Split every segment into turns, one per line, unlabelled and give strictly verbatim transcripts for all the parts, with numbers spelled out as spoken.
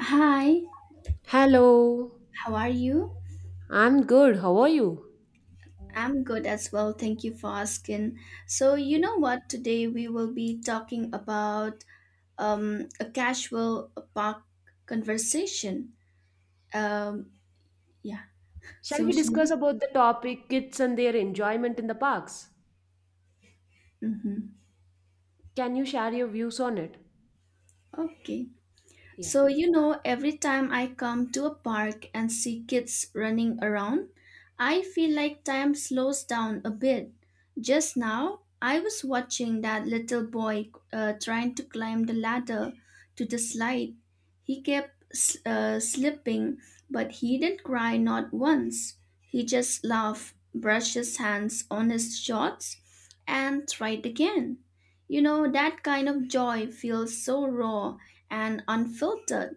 Hi,
Hello,
how are you?
I'm good. How are you?
I'm good as well. Thank you for asking. So, you know what? Today we will be talking about um, a casual park conversation. Um, yeah,
Shall we
social.
discuss about the topic kids and their enjoyment in the parks?
Mm-hmm.
Can you share your views on it?
Okay.
Yeah.
So, you know, every time I come to a park and see kids running around, I feel like time slows down a bit. Just now, I was watching that little boy uh, trying to climb the ladder to the slide. He kept s- uh, slipping, but he didn't cry not once. He just laughed, brushed his hands on his shorts, and tried again. You know, that kind of joy feels so raw and unfiltered.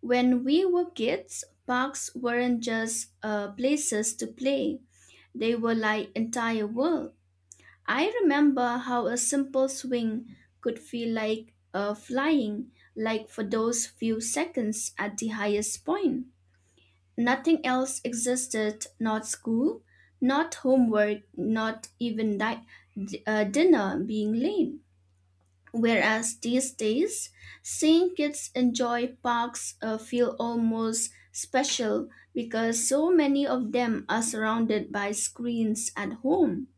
When we were kids, parks weren't just uh, places to play, they were like entire world. I remember how a simple swing could feel like uh, flying, like for those few seconds at the highest point. Nothing else existed, not school, not homework, not even di- d- uh, dinner being late. Whereas these days, seeing kids enjoy parks uh, feel almost special because so many of them are surrounded by screens at home.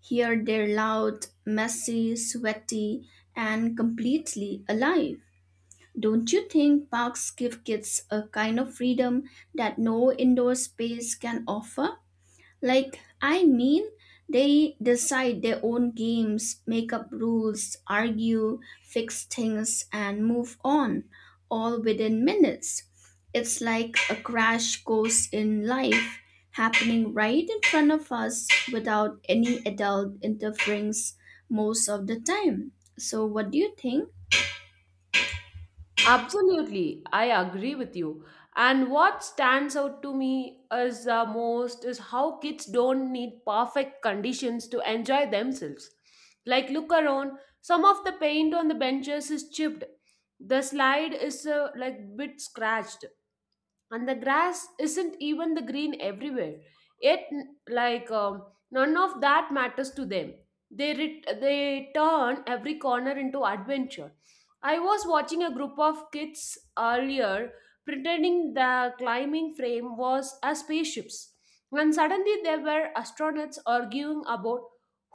Here they're loud, messy, sweaty, and completely alive. Don't you think parks give kids a kind of freedom that no indoor space can offer? Like, I mean, they decide their own games, make up rules, argue, fix things, and move on, all within minutes. It's like a crash course in life happening right in front of us without any adult interference most of the time. So, what do you think?
Absolutely, I agree with you. And what stands out to me as uh, most is how kids don't need perfect conditions to enjoy themselves. Like look around, some of the paint on the benches is chipped. The slide is uh, like bit scratched, and the grass isn't even the green everywhere, yet n- like um, none of that matters to them. They ret- they turn every corner into adventure. I was watching a group of kids earlier pretending the climbing frame was a spaceships, and suddenly there were astronauts arguing about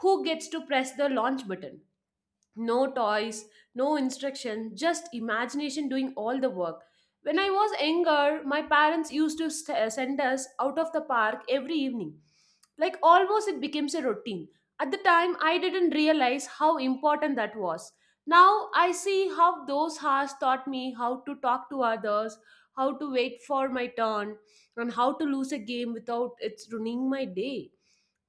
who gets to press the launch button. No toys, no instruction, just imagination doing all the work. When I was younger, my parents used to st- uh, send us out of the park every evening. Like almost it becomes a routine. At the time, I didn't realize how important that was. Now I see how those hours taught me how to talk to others, how to wait for my turn, and how to lose a game without it's ruining my day.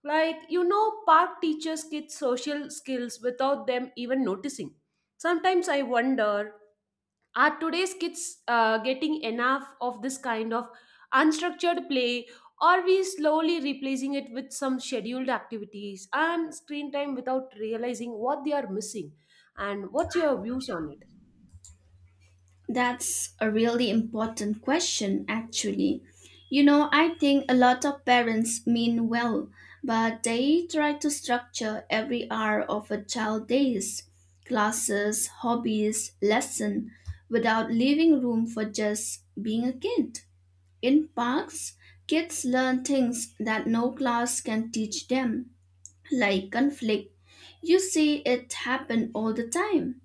Like, you know, park teaches kids social skills without them even noticing. Sometimes I wonder, are today's kids uh, getting enough of this kind of unstructured play? Are we slowly replacing it with some scheduled activities and screen time without realizing what they are missing? And what's your views on it?
That's a really important question, actually. You know, I think a lot of parents mean well, but they try to structure every hour of a child's days, classes, hobbies, lesson, without leaving room for just being a kid. In parks, kids learn things that no class can teach them, like conflict. You see it happen all the time.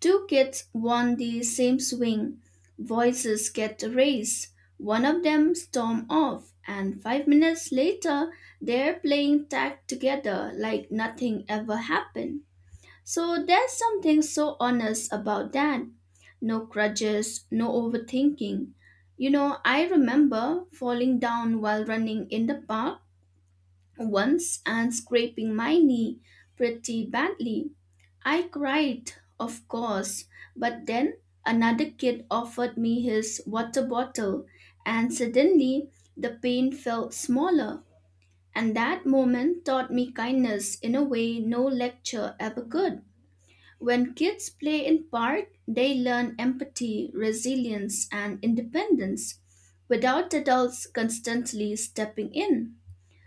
Two kids want the same swing. Voices get raised. One of them storm off, and five minutes later, they're playing tag together like nothing ever happened. So there's something so honest about that. No grudges, no overthinking. You know, I remember falling down while running in the park once and scraping my knee pretty badly. I cried, of course, but then another kid offered me his water bottle, and suddenly the pain felt smaller. And that moment taught me kindness in a way no lecture ever could. When kids play in park, they learn empathy, resilience, and independence without adults constantly stepping in.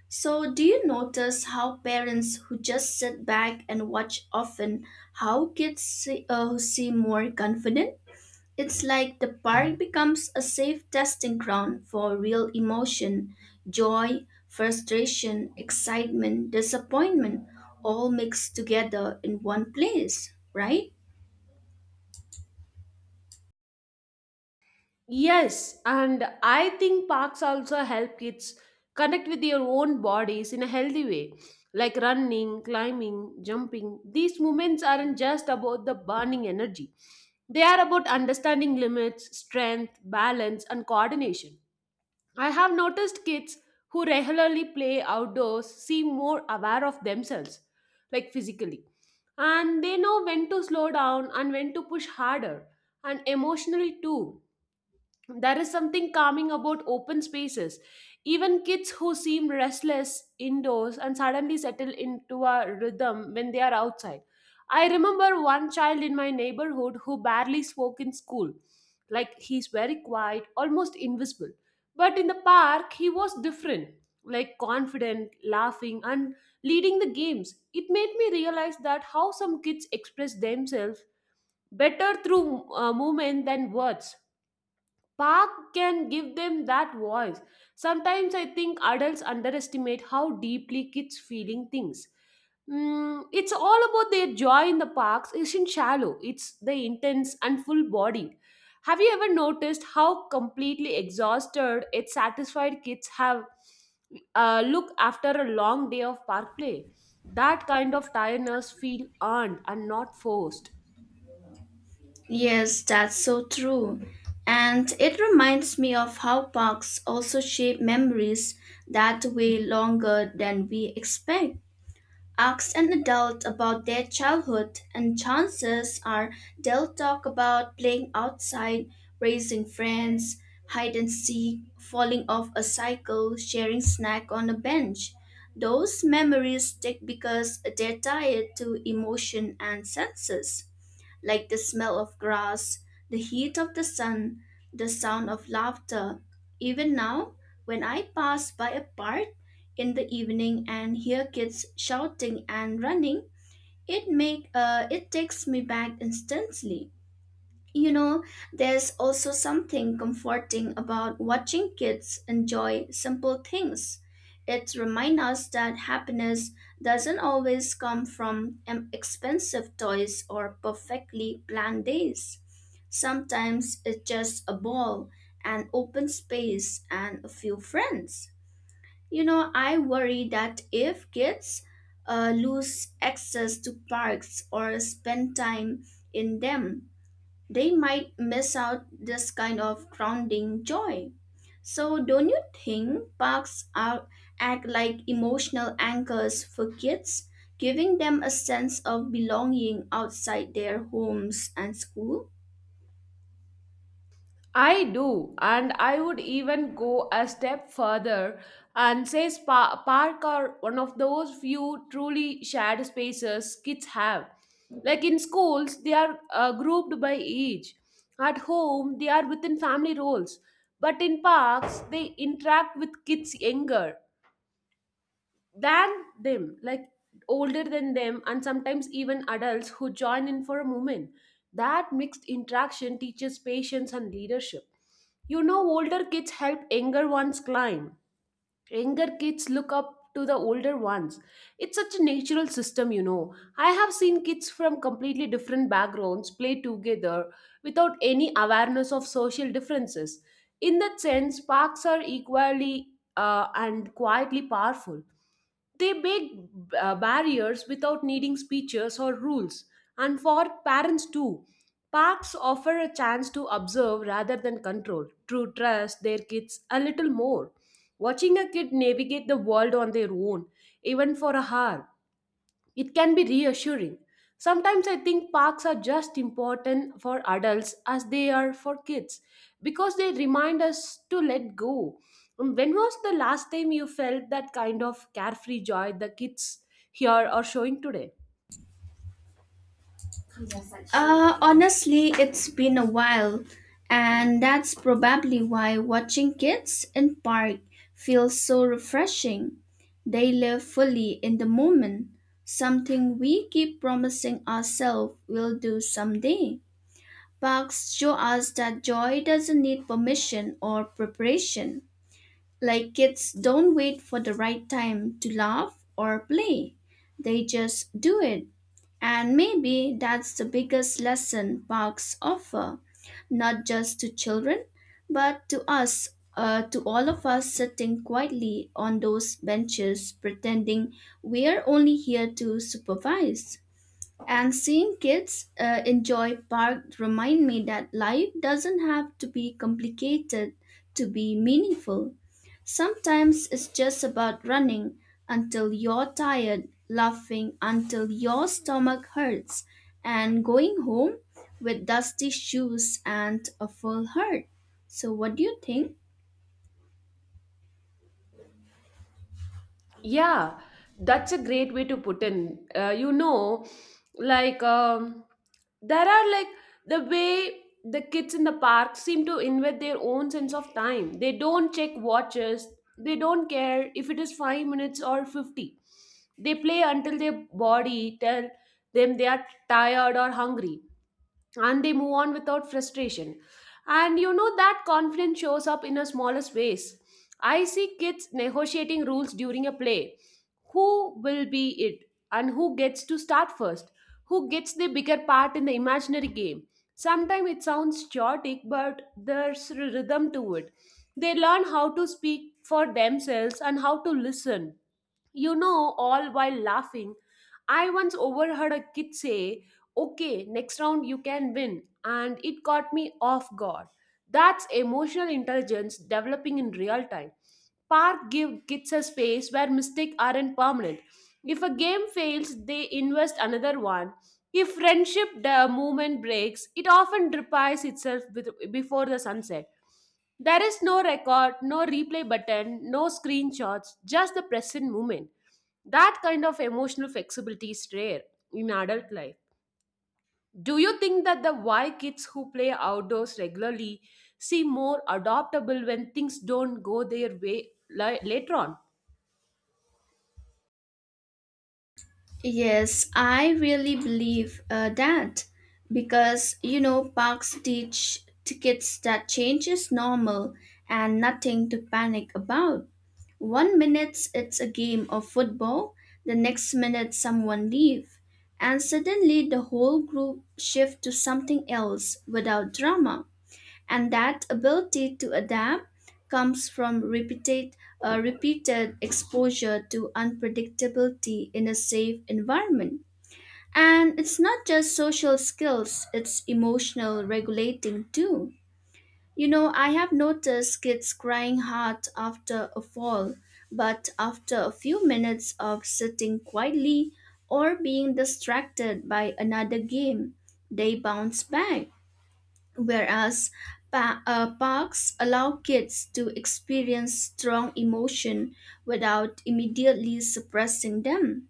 So, do you notice how parents who just sit back and watch often how kids see, uh, seem more confident? It's like the park becomes a safe testing ground for real emotion, joy, frustration, excitement, disappointment, all mixed together in one place, right?
Yes, and I think parks also help kids connect with their own bodies in a healthy way, like running, climbing, jumping. These movements aren't just about the burning energy, they are about understanding limits, strength, balance, and coordination. I have noticed kids who regularly play outdoors seem more aware of themselves, like physically, and they know when to slow down and when to push harder, and emotionally too, there is something calming about open spaces. Even kids who seem restless indoors and suddenly settle into a rhythm when they are outside. I remember one child in my neighborhood who barely spoke in school. Like he's very quiet, almost invisible. But in the park, he was different. Like confident, laughing, and leading the games. It made me realize that how some kids express themselves better through uh, movement than words. Park can give them that voice. Sometimes I think adults underestimate how deeply kids feeling things. Mm, it's all about their joy in the parks isn't shallow. It's the intense and full bodied. Have you ever noticed how completely exhausted yet satisfied kids have uh, look after a long day of park play? That kind of tiredness feel earned and not forced.
Yes, that's so true. And it reminds me of how parks also shape memories that way longer than we expect. Ask an adult about their childhood, and chances are they'll talk about playing outside, raising friends, hide and seek, falling off a cycle, sharing snack on a bench. Those memories stick because they're tied to emotion and senses like the smell of grass, the heat of the sun, the sound of laughter. Even now, when I pass by a park in the evening and hear kids shouting and running, it make uh, it takes me back instantly. You know, there's also something comforting about watching kids enjoy simple things. It reminds us that happiness doesn't always come from em- expensive toys or perfectly planned days. Sometimes it's just a ball, an open space, and a few friends. You know, I worry that if kids uh, lose access to parks or spend time in them, they might miss out this kind of grounding joy. So, don't you think parks are, act like emotional anchors for kids, giving them a sense of belonging outside their homes and school?
I do, and I would even go a step further and say spa- park are one of those few truly shared spaces kids have. Like in schools, they are uh, grouped by age. At home, they are within family roles. But in parks, they interact with kids younger than them, like older than them, and sometimes even adults who join in for a moment. That mixed interaction teaches patience and leadership. You know, older kids help younger ones climb. Younger kids look up to the older ones. It's such a natural system, you know. I have seen kids from completely different backgrounds play together without any awareness of social differences. In that sense, parks are equally uh, and quietly powerful. They make uh, barriers without needing speeches or rules. And for parents too, parks offer a chance to observe rather than control, to trust their kids a little more. Watching a kid navigate the world on their own, even for a hour, it can be reassuring. Sometimes I think parks are just important for adults as they are for kids because they remind us to let go. Um, When was the last time you felt that kind of carefree joy the kids here are showing today?
Uh, honestly, it's been a while, and that's probably why watching kids in park feels so refreshing. They live fully in the moment, something we keep promising ourselves we'll do someday. Parks show us that joy doesn't need permission or preparation. Like kids don't wait for the right time to laugh or play, they just do it. And maybe that's the biggest lesson parks offer, not just to children, but to us, uh, to all of us sitting quietly on those benches pretending we're only here to supervise. And seeing kids uh, enjoy park remind me that life doesn't have to be complicated to be meaningful. Sometimes it's just about running until you're tired, laughing until your stomach hurts, and going home with dusty shoes and a full heart. So what do you think?
Yeah, that's a great way to put in. Uh, you know, like um, there are like the way the kids in the park seem to invent their own sense of time. They don't check watches. They don't care if it is five minutes or fifty. They play until their body tell them they are tired or hungry, and they move on without frustration. And you know that confidence shows up in a smallest ways. I see kids negotiating rules during a play. Who will be it? And who gets to start first? Who gets the bigger part in the imaginary game? Sometimes it sounds chaotic, but there's a rhythm to it. They learn how to speak for themselves and how to listen, you know, all while laughing. I once overheard a kid say, "Okay, next round you can win," and it caught me off guard. That's emotional intelligence developing in real time. Park give kids a space where mistakes aren't permanent. If a game fails, they invest another one. If friendship the movement breaks, it often repairs itself with, before the sunset. There is no record, no replay button, no screenshots, just the present moment. That kind of emotional flexibility is rare in adult life. Do you think that the why kids who play outdoors regularly seem more adaptable when things don't go their way li- later on?
Yes, I really believe uh, that because you know parks teach tickets that change is normal and nothing to panic about. One minute it's a game of football, the next minute someone leave, and suddenly the whole group shift to something else without drama, and that ability to adapt comes from repeated, uh, repeated exposure to unpredictability in a safe environment. And it's not just social skills, it's emotional regulating too. You know, I have noticed kids crying hard after a fall, but after a few minutes of sitting quietly or being distracted by another game, they bounce back, whereas pa- uh, parks allow kids to experience strong emotion without immediately suppressing them.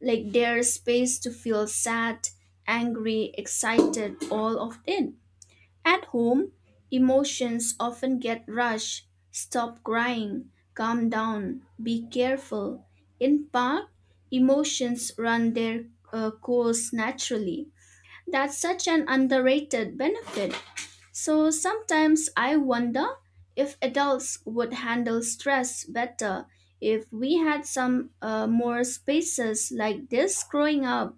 Like there's space to feel sad, angry, excited, all of it. At home, emotions often get rushed, stop crying, calm down, be careful. In park, emotions run their uh, course naturally. That's such an underrated benefit. So sometimes I wonder if adults would handle stress better if we had some uh, more spaces like this growing up,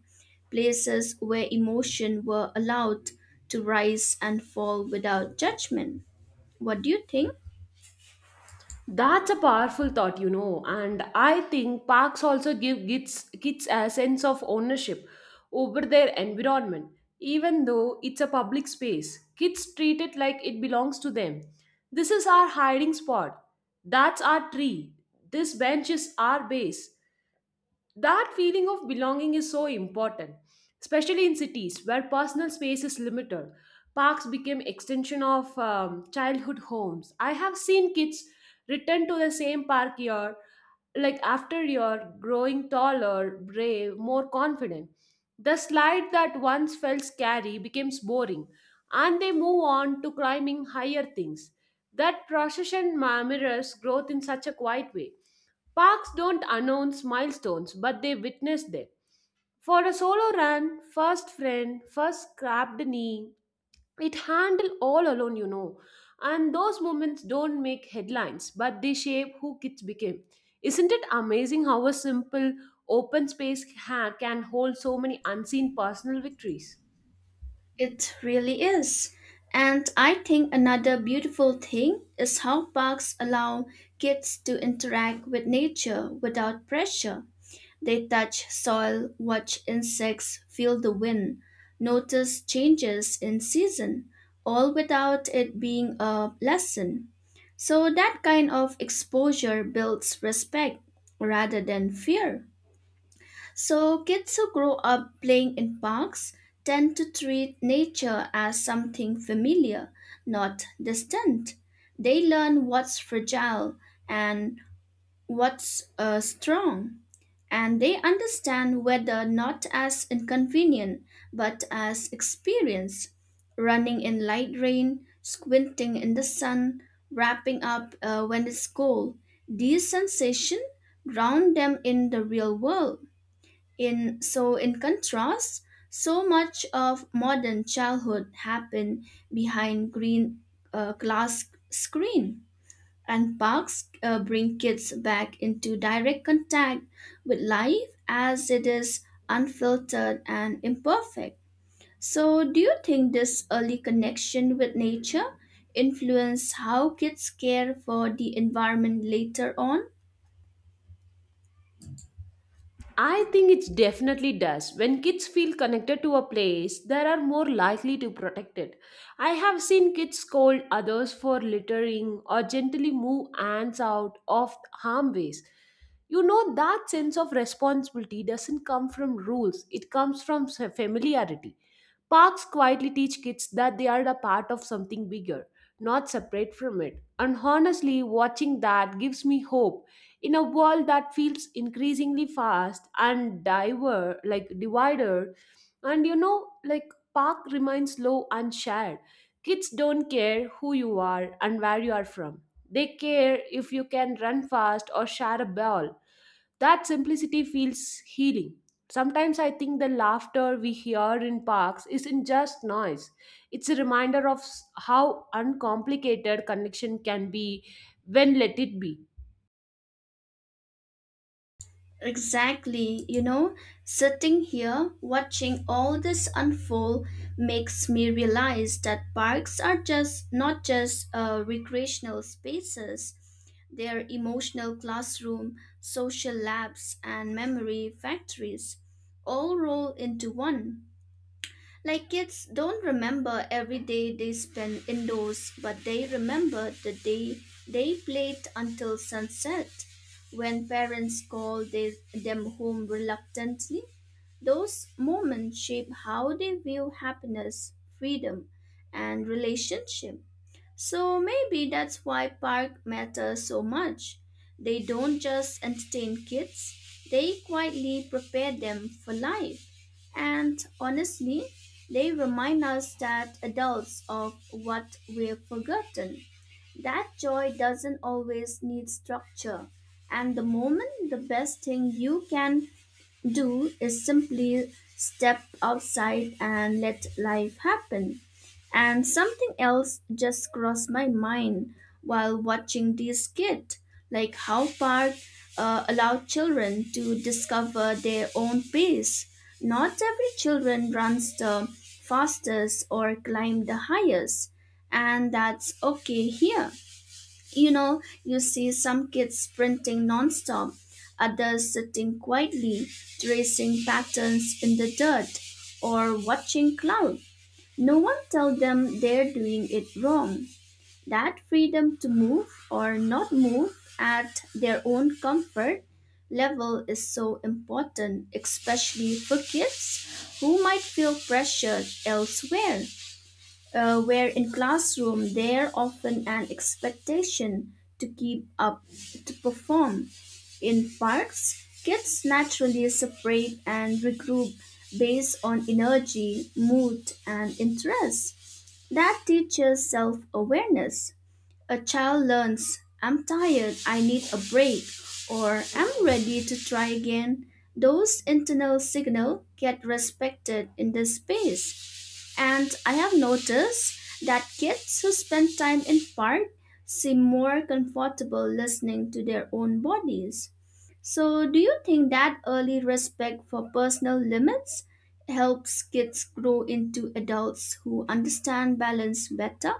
places where emotion were allowed to rise and fall without judgment. What do you think?
That's a powerful thought, you know, and I think parks also give kids, kids a sense of ownership over their environment. Even though it's a public space, kids treat it like it belongs to them. This is our hiding spot. That's our tree. This bench is our base. That feeling of belonging is so important, especially in cities where personal space is limited. Parks became extension of um, childhood homes. I have seen kids return to the same park year, like after year, growing taller, brave, more confident. The slide that once felt scary becomes boring, and they move on to climbing higher things. That procession ma- mirrors growth in such a quiet way. Parks don't announce milestones, but they witness them. For a solo run, first friend, first scrapped knee, it handled all alone, you know. And those moments don't make headlines, but they shape who kids became. Isn't it amazing how a simple open space ha- can hold so many unseen personal victories?
It really is. And I think another beautiful thing is how parks allow kids to interact with nature without pressure. They touch soil, watch insects, feel the wind, notice changes in season, all without it being a lesson. So that kind of exposure builds respect rather than fear. So kids who grow up playing in parks tend to treat nature as something familiar, not distant. They learn what's fragile and what's uh, strong, and they understand weather not as inconvenient but as experience. Running in light rain, squinting in the sun, wrapping up uh, when it's cold. These sensations ground them in the real world. In so, in contrast, so much of modern childhood happened behind green uh, glass screen, and parks uh, bring kids back into direct contact with life as it is, unfiltered and imperfect. So, do you think this early connection with nature influence how kids care for the environment later on?
I think it definitely does. When kids feel connected to a place, they are more likely to protect it. I have seen kids scold others for littering or gently move ants out of harm ways. You know, that sense of responsibility doesn't come from rules, it comes from s- familiarity. Parks quietly teach kids that they are a part of something bigger, not separate from it. And honestly, watching that gives me hope in a world that feels increasingly fast and diver like divided, and you know, like park remains low and shared. Kids don't care who you are and where you are from. They care if you can run fast or share a ball. That simplicity feels healing. Sometimes I think the laughter we hear in parks isn't just noise. It's a reminder of s- how uncomplicated connection can be when let it be.
Exactly, you know, sitting here watching all this unfold makes me realize that parks are just not just uh, recreational spaces. They're emotional classroom, social labs, and memory factories all roll into one. Like kids don't remember every day they spend indoors, but they remember the day they played until sunset. When parents call they, them home reluctantly, those moments shape how they view happiness, freedom, and relationship. So maybe that's why park matters so much. They don't just entertain kids, they quietly prepare them for life. And honestly, they remind us that adults of what we've forgotten. That joy doesn't always need structure. And the moment, the best thing you can do is simply step outside and let life happen. And something else just crossed my mind while watching these kids, like how park uh, allow children to discover their own pace. Not every children runs the fastest or climb the highest, and that's okay here. You know, you see some kids sprinting nonstop, others sitting quietly, tracing patterns in the dirt, or watching clouds. No one tells them they're doing it wrong. That freedom to move or not move at their own comfort level is so important, especially for kids who might feel pressured elsewhere. Uh, where in classroom there often an expectation to keep up, to perform, in parks kids naturally separate and regroup based on energy, mood, and interest. That teaches self-awareness. A child learns I'm tired, I need a break, or I'm ready to try again. Those internal signals get respected in the space, and I have noticed that kids who spend time in park seem more comfortable listening to their own bodies. So, do you think that early respect for personal limits helps kids grow into adults who understand balance better?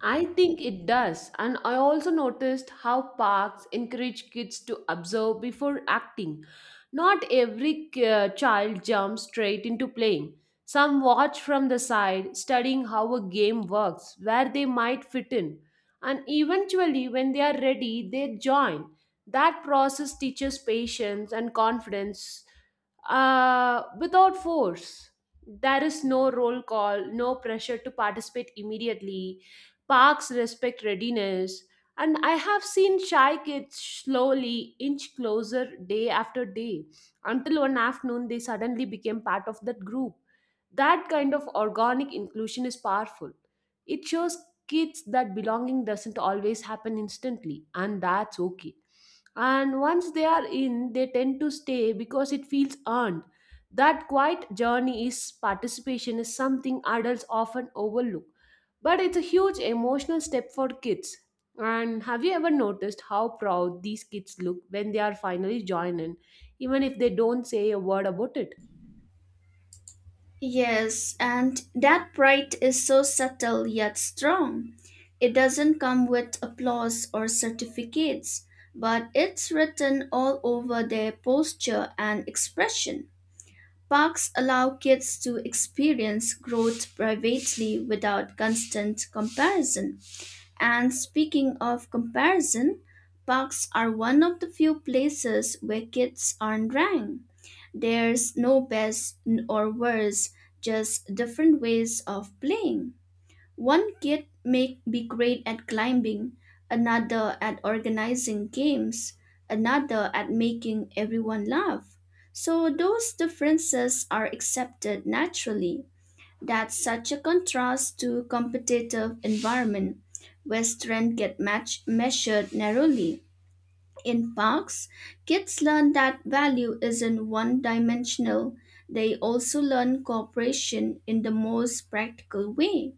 I think it does, and I also noticed how parks encourage kids to observe before acting. Not every uh, child jumps straight into playing. Some watch from the side, studying how a game works, where they might fit in, and eventually, when they are ready, they join. That process teaches patience and confidence uh, without force. There is no roll call, no pressure to participate immediately. Parks respect readiness, and I have seen shy kids slowly inch closer day after day until one afternoon they suddenly became part of that group. That kind of organic inclusion is powerful. It shows kids that belonging doesn't always happen instantly, and that's okay. And once they are in, they tend to stay because it feels earned. That quiet journey is participation is something adults often overlook. But it's a huge emotional step for kids. And have you ever noticed how proud these kids look when they are finally joined in, even if they don't say a word about it?
Yes, and that pride is so subtle yet strong. It doesn't come with applause or certificates, but it's written all over their posture and expression. Parks allow kids to experience growth privately without constant comparison. And speaking of comparison, parks are one of the few places where kids aren't ranked. There's no best n- or worse, just different ways of playing. One kid may be great at climbing, another at organizing games, another at making everyone laugh. So those differences are accepted naturally. That's such a contrast to competitive environment where strength get match measured narrowly. In parks, kids learn that value isn't one dimensional. They also learn cooperation in the most practical way.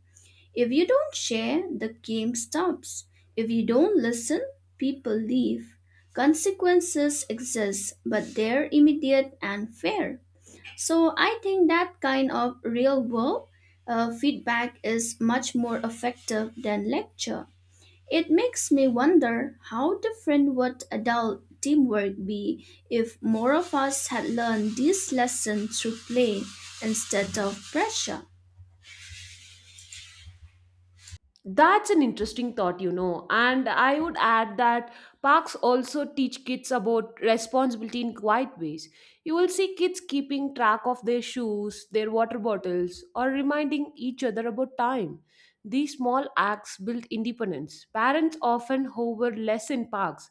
If you don't share, the game stops. If you don't listen, people leave. Consequences exist, but they're immediate and fair. So I think that kind of real world uh, feedback is much more effective than lecture. It makes me wonder how different would adult teamwork be if more of us had learned this lesson through play instead of pressure.
That's an interesting thought, you know. And I would add that parks also teach kids about responsibility in quiet ways. You will see kids keeping track of their shoes, their water bottles, or reminding each other about time. These small acts build independence. Parents often hover less in parks,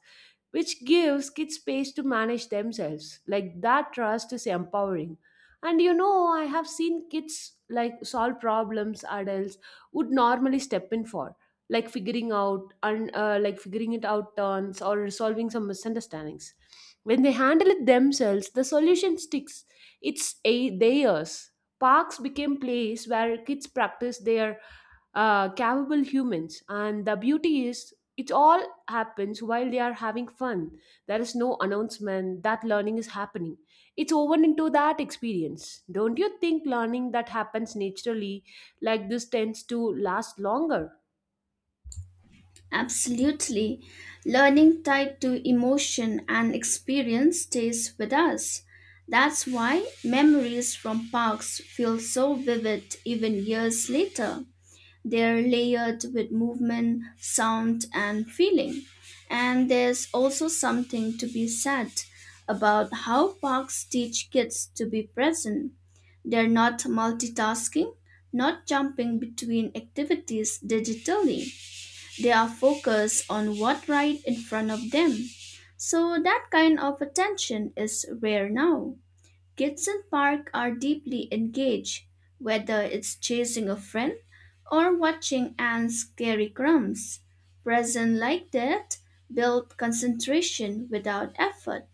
which gives kids space to manage themselves. Like that trust is empowering. And you know, I have seen kids like solve problems adults would normally step in for, like figuring out and uh, like figuring it out turns or resolving some misunderstandings. When they handle it themselves, the solution sticks. It's a theirs. Parks became place where kids practice their uh, capable humans, and the beauty is it all happens while they are having fun. There is no announcement that learning is happening, it's woven into that experience. Don't you think learning that happens naturally like this tends to last longer?
Absolutely. Learning tied to emotion and experience stays with us. That's why memories from parks feel so vivid even years later. They're layered with movement, sound, and feeling. And there's also something to be said about how parks teach kids to be present. They're not multitasking, not jumping between activities digitally. They are focused on what right in front of them. So that kind of attention is rare now. Kids in park are deeply engaged, whether it's chasing a friend or watching ants carry crumbs. Present like that build concentration without effort.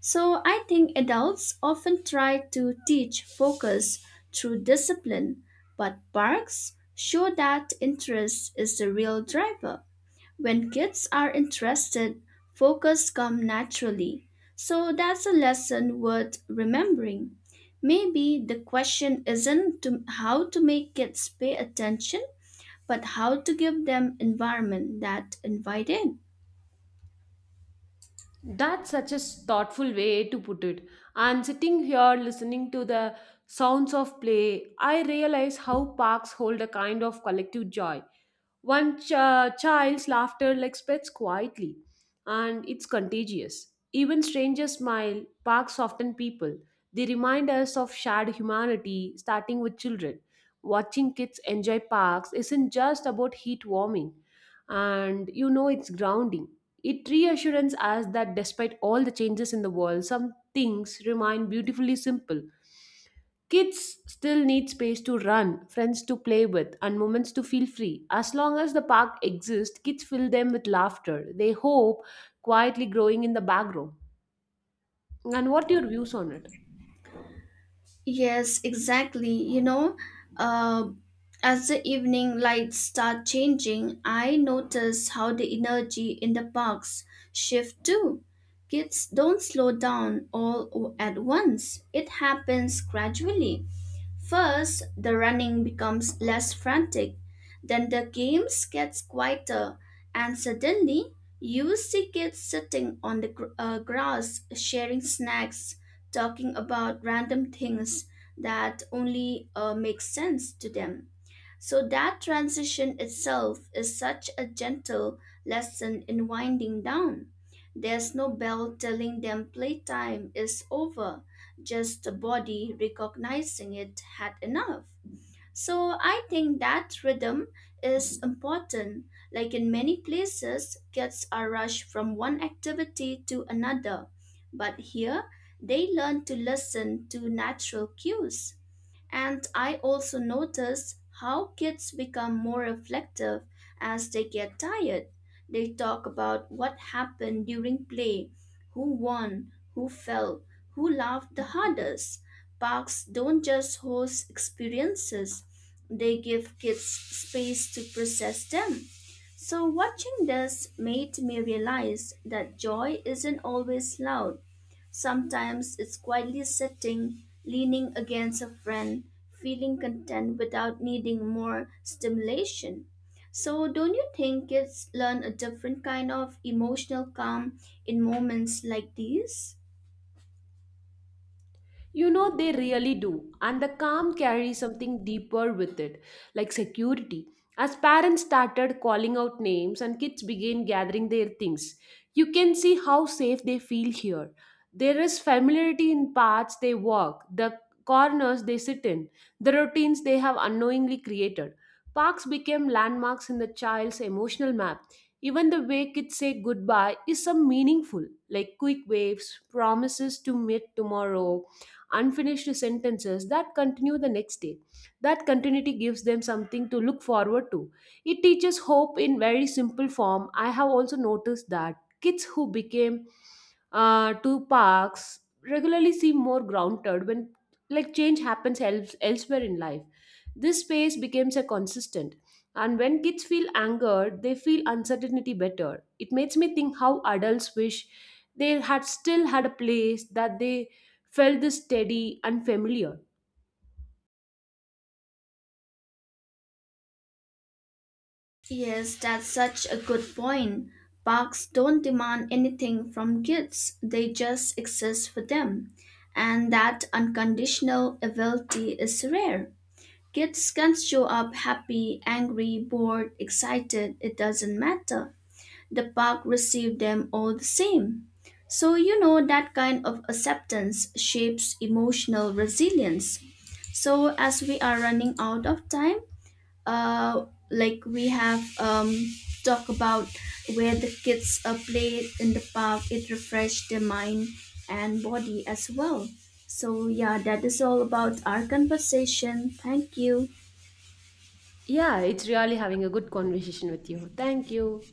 So I think adults often try to teach focus through discipline, but parks show that interest is the real driver. When kids are interested, focus comes naturally. So that's a lesson worth remembering. Maybe the question isn't to how to make kids pay attention, but how to give them environment that invite it.
That's such a s- thoughtful way to put it. And sitting here listening to the sounds of play, I realize how parks hold a kind of collective joy. One ch- uh, child's laughter like spreads quietly, and it's contagious. Even strangers smile, parks soften people. They remind us of shared humanity, starting with children. Watching kids enjoy parks isn't just about heat warming, and you know it's grounding. It reassures us that despite all the changes in the world, some things remain beautifully simple. Kids still need space to run, friends to play with, and moments to feel free. As long as the park exists, kids fill them with laughter. They hope quietly growing in the background. And what are your views on it?
Yes, exactly. You know, uh, as the evening lights start changing, I notice how the energy in the parks shift too. Kids don't slow down all o- at once. It happens gradually. First, the running becomes less frantic, then the games gets quieter, and suddenly you see kids sitting on the gr- uh, grass sharing snacks talking about random things that only uh, make sense to them. So that transition itself is such a gentle lesson in winding down. There's no bell telling them playtime is over, just the body recognizing it had enough. So I think that rhythm is important. Like in many places, kids are rushed from one activity to another, but here they learn to listen to natural cues. And I also notice how kids become more reflective as they get tired. They talk about what happened during play, who won, who fell, who laughed the hardest. Parks don't just host experiences, they give kids space to process them. So watching this made me realize that joy isn't always loud. Sometimes it's quietly sitting, leaning against a friend, feeling content without needing more stimulation. So, don't you think kids learn a different kind of emotional calm in moments like these?
You know, they really do. And the calm carries something deeper with it, like security. As parents started calling out names and kids began gathering their things, you can see how safe they feel here. There is familiarity in paths they walk, the corners they sit in, the routines they have unknowingly created. Parks became landmarks in the child's emotional map. Even the way kids say goodbye is some meaningful, like quick waves, promises to meet tomorrow, unfinished sentences that continue the next day. That continuity gives them something to look forward to. It teaches hope in very simple form. I have also noticed that kids who became uh, to parks regularly seem more grounded when like change happens else, elsewhere in life. This space becomes a consistent. And when kids feel angered, they feel uncertainty better. It makes me think how adults wish they had still had a place that they felt this steady and familiar.
Yes, that's such a good point. Parks don't demand anything from kids, they just exist for them. And that unconditional ability is rare. Kids can show up happy, angry, bored, excited, it doesn't matter. The park received them all the same. So, you know, that kind of acceptance shapes emotional resilience. So, as we are running out of time, uh, like we have um, talked about where the kids uh, played in the park, it refreshed their mind and body as well. So, yeah, that is all about our conversation. Thank you.
Yeah, it's really having a good conversation with you. Thank you.